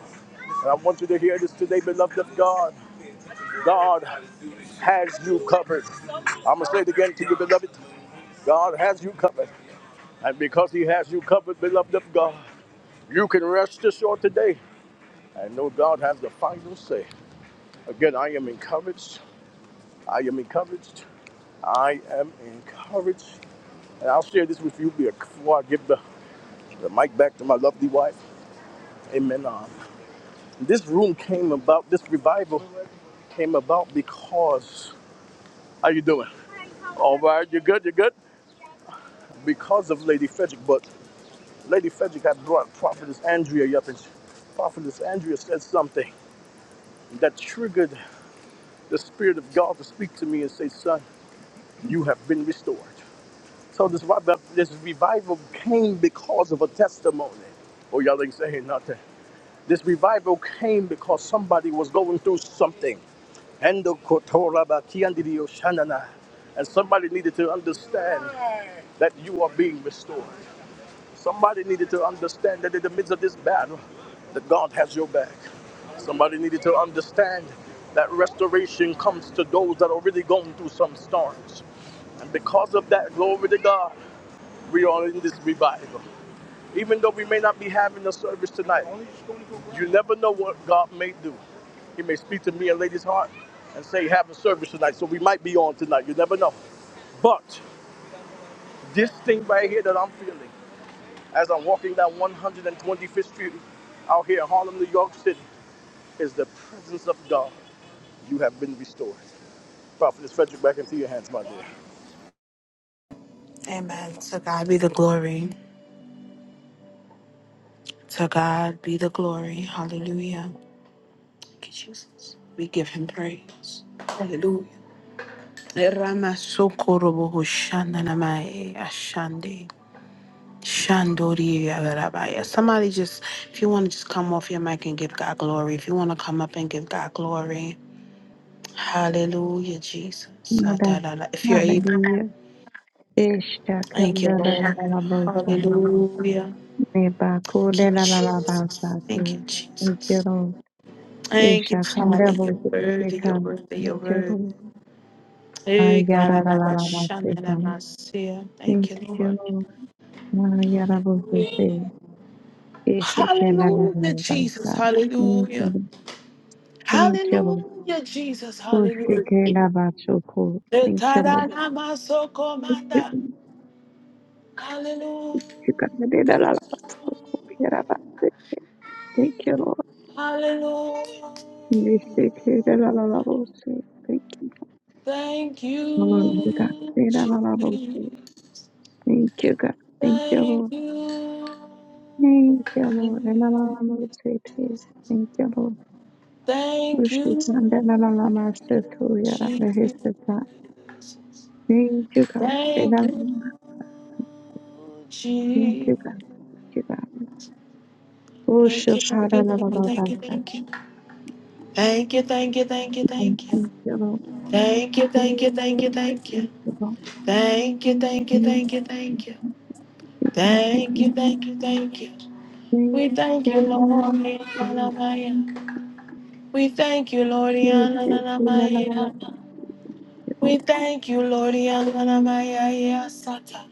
And I want you to hear this today, beloved of God. God has you covered. I'm going to say it again to you, beloved. God has you covered. And because He has you covered, beloved of God, you can rest assured today and know God has the final say. Again, I am encouraged. I am encouraged. I am encouraged. And I'll share this with you before I give the, the mic back to my lovely wife. Amen. Uh, this room came about, this revival came about because, how you doing? All right, you're good, you're good? Because of Lady Frederick, but Lady Frederick had brought Prophetess Andrea up, and she- Prophetess Andrea said something that triggered the Spirit of God to speak to me and say, son, you have been restored. So this revi- this revival came because of a testimony. Oh, y'all ain't saying nothing. This revival came because somebody was going through something. And the kotora ba kiandidio shanana. And somebody needed to understand that you are being restored. Somebody needed to understand that in the midst of this battle, that God has your back. Somebody needed to understand that restoration comes to those that are really going through some storms. And because of that, glory to God. We are in this revival. Even though we may not be having a service tonight, you never know what God may do. He may speak to me and lady's heart and say, have a service tonight. So we might be on tonight. You never know. But this thing right here that I'm feeling as I'm walking down 125th Street out here in Harlem, New York City, is the presence of God. You have been restored. Prophetess Frederick, back into your hands, my dear.
Amen. To God be the glory. To God be the glory. Hallelujah. Thank you, Jesus. We give him praise. Hallelujah. Ramasokorobohoshandanamae ashande. Shandori agarabaya. Somebody just, if you want to just come off your mic and give God glory, if you want to come up and give God glory, hallelujah, Jesus. sa
Hallelujah.
If you're able.
Hallelujah. Isha
Thank you,
kanda la la
Lord.
la la bosa.
Hallelujah.
Neba
Thank you,
kude la la la
Jesus.
bosa
Thank you,
te. Thank you,
Jesus.
Lord.
Thank you,
Isha
Father.
kanda
You're
bosa
worthy. You're
seka.
worthy. You're
Thank you,
worthy.
Lord.
Hey, God,
Ayara
I
la la la la seka.
love you. Thank
Thank
you, Lord.
you, Lord. Ayara bosa se.
Hallelujah.
Isha kanda la la
Hallelujah,
la
Jesus.
bosa. Thank you,
Hallelujah.
Lord. Thank you, Lord.
Hallelujah, Jesus.
Usha
Hallelujah.
kanda
Eh,
bosa ko. Thank you,
ta da da ma
Lord.
Hallelujah.
Thank you, Lord.
Hallelujah.
Nishikirelalalavose. Thank you. Lord.
Thank
Glory to God.
you, Jesus.
Thank you, God. Thank you,
Thank
Lord.
you,
Thank you, Lord.
Jesus.
Relalalavose. Thank you, Lord.
Thank you,
Ushikandelalalavase.
Jesus.
Thank you, God.
Thank you,
Relalalavase. Thank you,
Jesus.
God. Thank you, God.
Thank you, thank you, thank you,
Ushikaralavavavasa.
thank you. Thank you, thank you, thank you,
Thank
thank you.
you, Lord.
Thank you, thank you,
Thank
thank
you,
you,
Lord.
thank you.
Thank you, Lord.
Thank you, thank you,
Thank
thank you, thank you.
you, thank you, thank
Thank
you.
you, thank you, thank you. We
Thank
thank you,
you,
Lord.
Lord.
Yananamaya. We thank you, Lord. Yananamaya. We thank you, Lord. Yalanamaya Sata.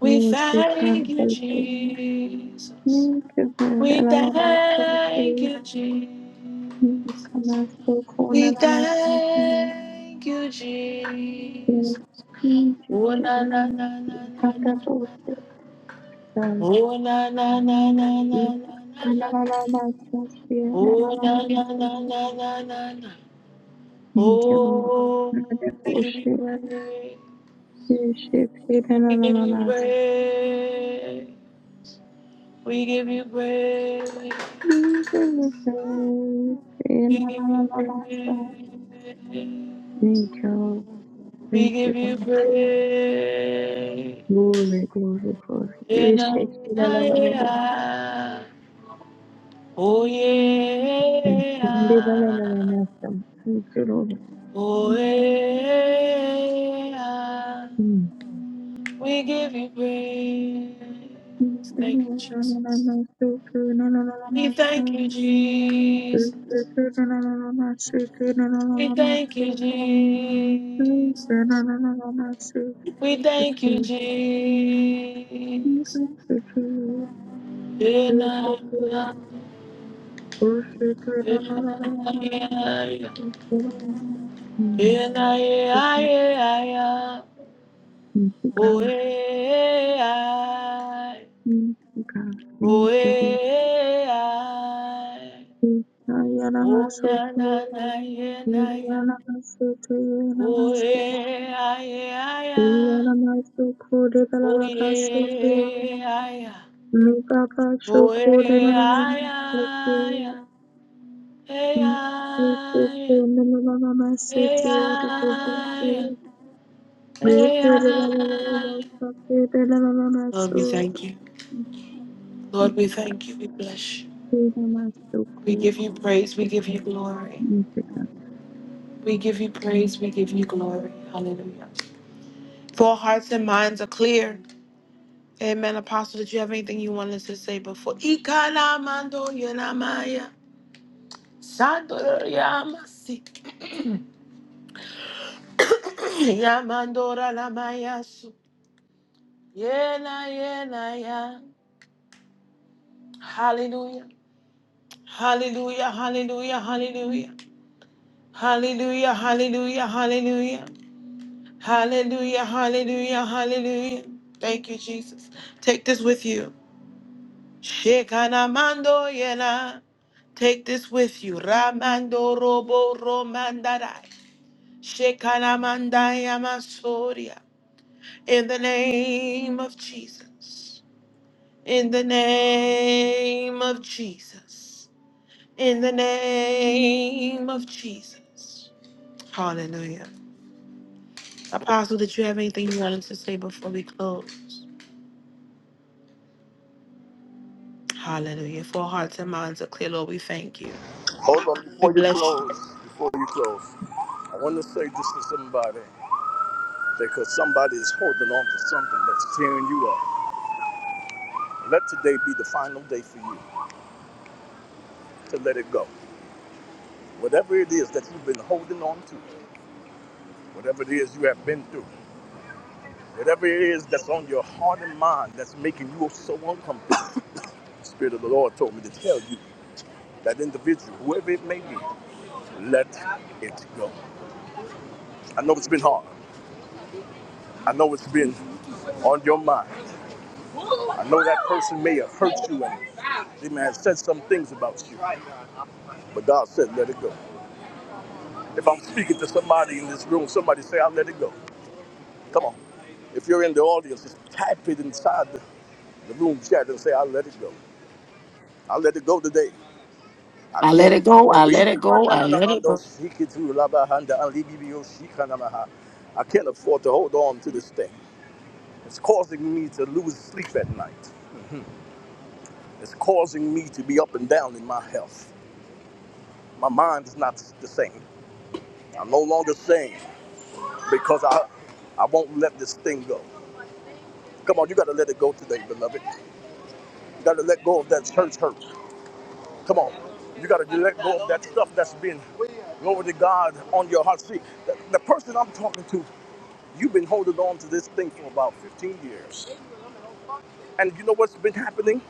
We thank you, Jesus. We thank you, Jesus. We thank you, Jesus. Oh na na na na na na. na. Oh na na na na na na na. na. Oh na na na na na na na. Oh,
Another
we give you
bullshit,
praise.
bullshit, hey, na na
We give
na na
you
na.
praise. We give you praise.
Hey,
We
na na
give
na
you
na
praise.
na. Thank you.
We
Thank you,
give you
God.
praise.
Glory, glory, glory.
In a-
Yeshua, la
ah,
la la la.
yeah. Oh
La
yeah.
la la la la la. Thank you, Lord.
Oh yeah.
Mm.
We give you
Thank
praise.
you,
Thank you,
Lord. La
Jesus.
la la la. So good. La la la la
We
la.
thank
So
you,
good.
Jesus.
So good. La la la la la. So good. La la la
We
la la.
thank you,
So good.
Jesus.
La la la la la. la. So
We
good. So
thank you,
good. Thank
Jesus.
you, so good.
Yeah,
You're so
yeah,
good. Oh, so good. La la
yeah,
la la la. la.
yeah.
Thank you, Lord. Mm.
Yeah, yeah, yeah, yeah.
Thank you, God.
Oh, yeah, yeah. Oh, yeah, yeah. Oh, na, na, na, yeah, na, yeah. Oh, yeah, yeah, yeah. Oh, yeah, yeah. Oh, yeah, yeah, yeah. Hey, yeah. AI, AI. Lord, we thank you. Lord, we thank you. We bless you. We give you praise. We give you glory. We give you praise. We give you glory. Hallelujah. For our hearts and minds are clear. Amen. Apostle, did you have anything you wanted to say before? Ikalamando yonamaya. Sandoro yamasi. Yamandora lamayasu. Yena, yena, ya. Hallelujah. Hallelujah, hallelujah, hallelujah. Hallelujah, hallelujah, hallelujah. Hallelujah, hallelujah, hallelujah. Thank you, Jesus. Take this with you. Shekanamando yena. Take this with you. Ramando robo romandarai. Shekanamandaya masoria. In the name of Jesus. In the name of Jesus. In the name of Jesus. Hallelujah. Apostle, did you have anything you wanted to say before we close? Hallelujah. For our hearts and minds are clear, Lord, we thank you.
Hold on,
We
before you
bless you.
close, before you close, I want to say this to somebody. because somebody is holding on to something that's tearing you up. Let today be the final day for you to let it go. Whatever it is that you've been holding on to, whatever it is you have been through, whatever it is that's on your heart and mind that's making you so uncomfortable, the Spirit of the Lord told me to tell you that individual, whoever it may be, let it go. I know it's been hard. I know it's been on your mind. I know that person may have hurt you and they may have said some things about you, but God said, let it go. If I'm speaking to somebody in this room, somebody say, I let it go. Come on. If you're in the audience, just type it inside the, the room chat and say, I let it go. I let it go today. I
I let
can't
it go.
afford
I
I
let it go. I let it go.
can't afford to hold on to this thing. It's causing me to lose sleep at night. It's causing me to be up and down in my health. My mind is not the same. I'm no longer sane because I I won't let this thing go. Come on, you gotta let it go today, beloved. Got to let go of that church hurt. Come on. You got to let go of that stuff that's been glory to God on your heart. See, the, the person I'm talking to, you've been holding on to this thing for about 15 years. And you know what's been happening?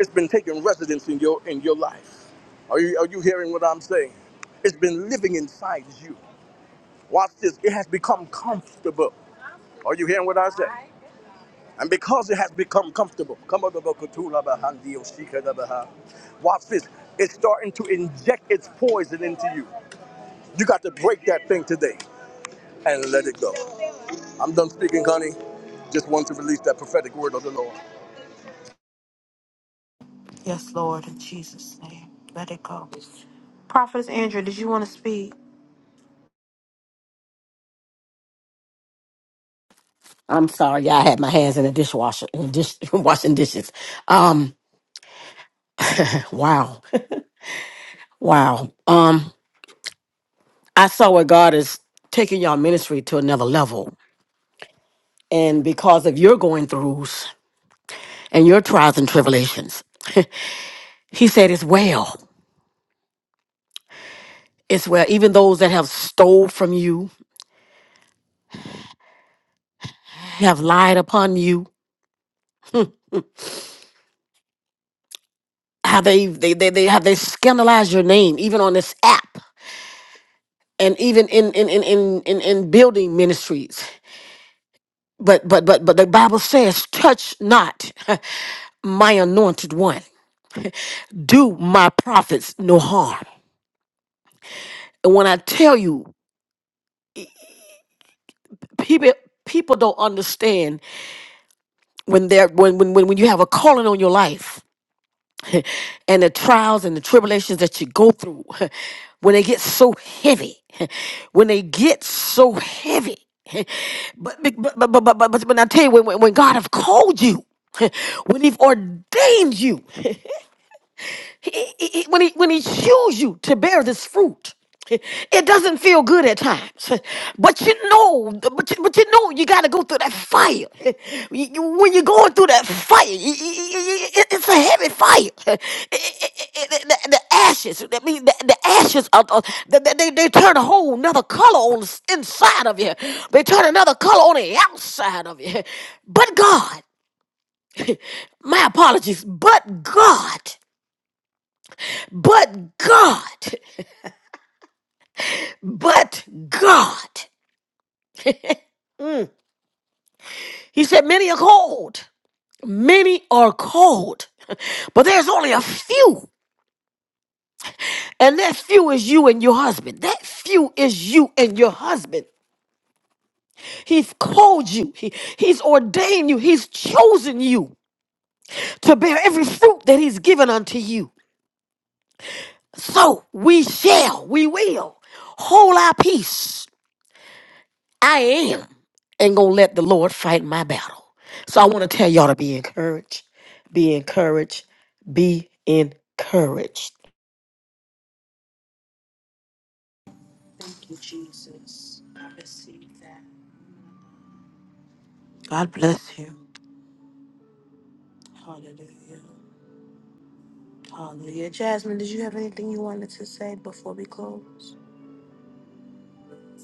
It's been taking residence in your in your life. Are you are you hearing what I'm saying? It's been living inside you. Watch this. It has become comfortable. Are you hearing what I said? And because it has become comfortable, watch this. It's starting to inject its poison into you. You got to break that thing today and let it go. I'm done speaking, honey. Just want to release that prophetic word of the Lord.
Yes, Lord, in Jesus' name. Let it go. Prophetess Andrew, did you want to speak?
I'm sorry, y'all. I had my hands in the dishwasher, in the dish, washing dishes. Um, wow, wow. Um, I saw where God is taking your ministry to another level, and because of your going throughs and your trials and tribulations, He said, "It's well. It's well. Even those that have stole from you, have lied upon you, have they they they, they have they scandalized your name, even on this app." and even in in in in in, in building ministries But but but but the Bible says, touch not my anointed one. Do my prophets no harm. And when I tell you, people people don't understand when they're when when when, when you have a calling on your life and the trials and the tribulations that you go through, when they get so heavy, when they get so heavy. But but but but but, but, but when I tell you when, when when God have called you, when He've ordained you. it- it- it- when he when he chose you to bear this fruit it doesn't feel good at times but you know but you, but you know you got to go through that fire You- you- when you're going through that fire you- you- you- you- it- it's a heavy fire It- it- it- it- the, the ashes i mean the, the ashes of of- the, the- they, they turn a whole another color on the inside of you they turn another color on the outside of you but god my apologies, but God, but God. But God, he said, many are called. Many are called. But there's only a few. And that few is you and your husband. That few is you and your husband. He's called you. He, he's ordained you. He's chosen you to bear every fruit that he's given unto you. So we shall, we will hold our peace I am and gonna let the Lord fight my battle. So I want to tell y'all to be encouraged, be encouraged, be encouraged.
Thank you, Jesus. I receive that. God bless you. Hallelujah. Hallelujah. Jasmine, did you have anything you wanted to say before we close?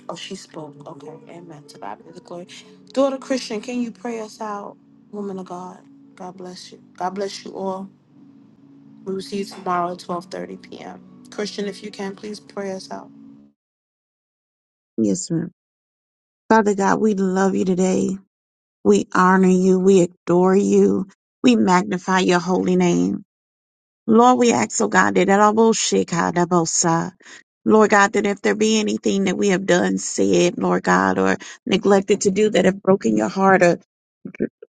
Oh, she spoke. Okay. Amen. To God be the glory. Daughter Christian, can you pray us out? Woman of God. God bless you. God bless you all. We will see you tomorrow at 12.30 p.m. Christian, if you can, please pray us out.
Yes, ma'am. Father God, we love you today. We honor you. We adore you. We magnify your holy name. Lord, we ask, oh God, that all bullshit, God, that both side. Lord God, that if there be anything that we have done, said, Lord God, or neglected to do that have broken your heart or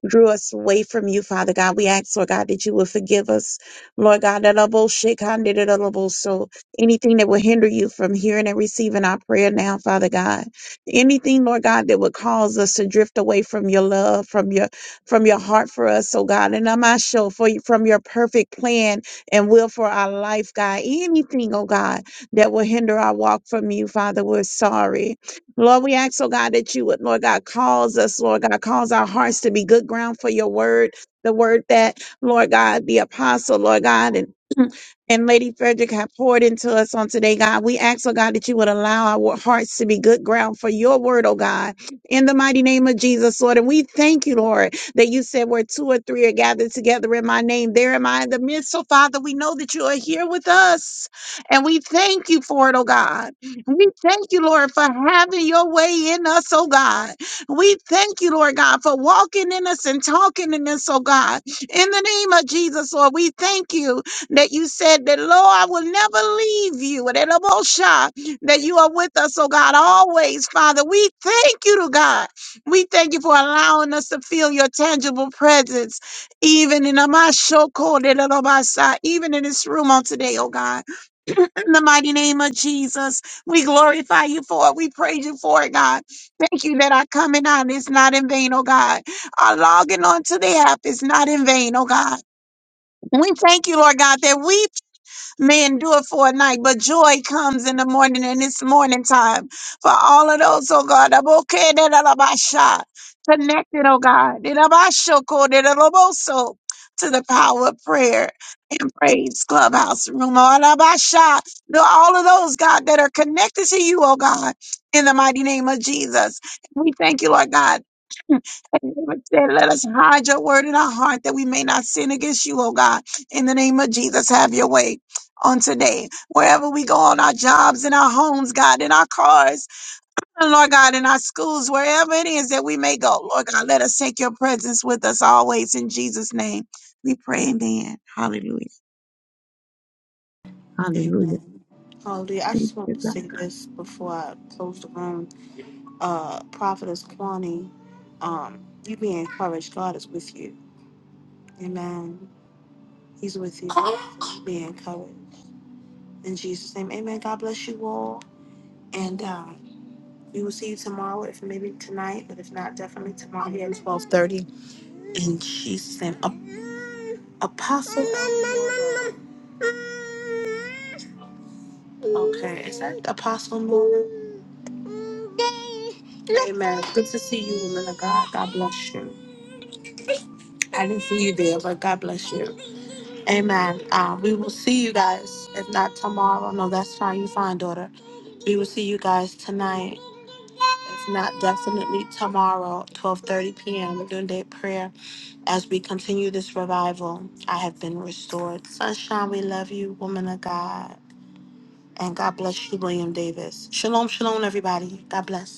drew us away from you, Father God. We ask, Lord God, that you will forgive us, Lord God. that elbow shake, hand it at elbow. So anything that will hinder you from hearing and receiving our prayer now, Father God. Anything, Lord God, that would cause us to drift away from your love, from your from your heart for us, oh God. And I'm not sure for you from your perfect plan and will for our life, God. Anything, oh God, that will hinder our walk from you, Father, we're sorry. Lord, we ask, oh God, that you would, Lord God, cause us, Lord God, cause our hearts to be good ground for your word, the word that, Lord God, the apostle, Lord God, and and Lady Frederick have poured into us on today, God. We ask, oh God, that you would allow our hearts to be good ground for your word, oh God, in the mighty name of Jesus, Lord. And we thank you, Lord, that you said where two or three are gathered together in my name, there am I in the midst. So, Father, we know that you are here with us, and we thank you for it, oh God. We thank you, Lord, for having your way in us, oh God. We thank you, Lord God, for walking in us and talking in us, oh God. In the name of Jesus, Lord, we thank you that you said that, Lord, I will never leave you, and that I'm that you are with us, oh God, always, Father. We thank you, to God. We thank you for allowing us to feel your tangible presence, even in our show, even in this room on today, oh God. In the mighty name of Jesus, we glorify you for it. We praise you for it, God. Thank you that our coming out is not in vain, oh God. Our logging onto the app is not in vain, oh God. We thank you, Lord God, that we may endure for a night, but joy comes in the morning, and it's morning time for all of those, oh God. I'm okay, that I'm Connected, oh God. that I'm about oh, that I'm so To the power of prayer and praise, clubhouse room, all of To all of those, God, that are connected to you, oh God, in the mighty name of Jesus. We thank you, Lord God. Said, Let us hide your word in our heart that we may not sin against you, oh God. In the name of Jesus, have your way on today. Wherever we go on our jobs, in our homes, God, in our cars, and Lord God, in our schools, wherever it is that we may go, Lord God, let us take your presence with us always in Jesus' name. We pray, amen. Hallelujah. Hallelujah.
Amen. Hallelujah. I
Thank
just want
you,
to
God.
say this before I close the room. Uh, Prophetess Kwani, um, you be encouraged. God is with you. Amen. He's with you. Be encouraged. In Jesus' name. Amen. God bless you all. And uh, We will see you tomorrow, if maybe tonight, but if not, definitely tomorrow here at twelve thirty. And she's an apostle. Okay, is that Apostle Nora? Amen. Good to see you, woman of God. God bless you. I didn't see you there, but God bless you. Amen. Uh, we will see you guys. If not tomorrow, no, that's fine. You fine, daughter. We will see you guys tonight. If not, definitely tomorrow, 12.30 p.m., noonday prayer, as we continue this revival. I have been restored. Sunshine, we love you, woman of God. And God bless you, William Davis. Shalom, shalom, everybody. God bless.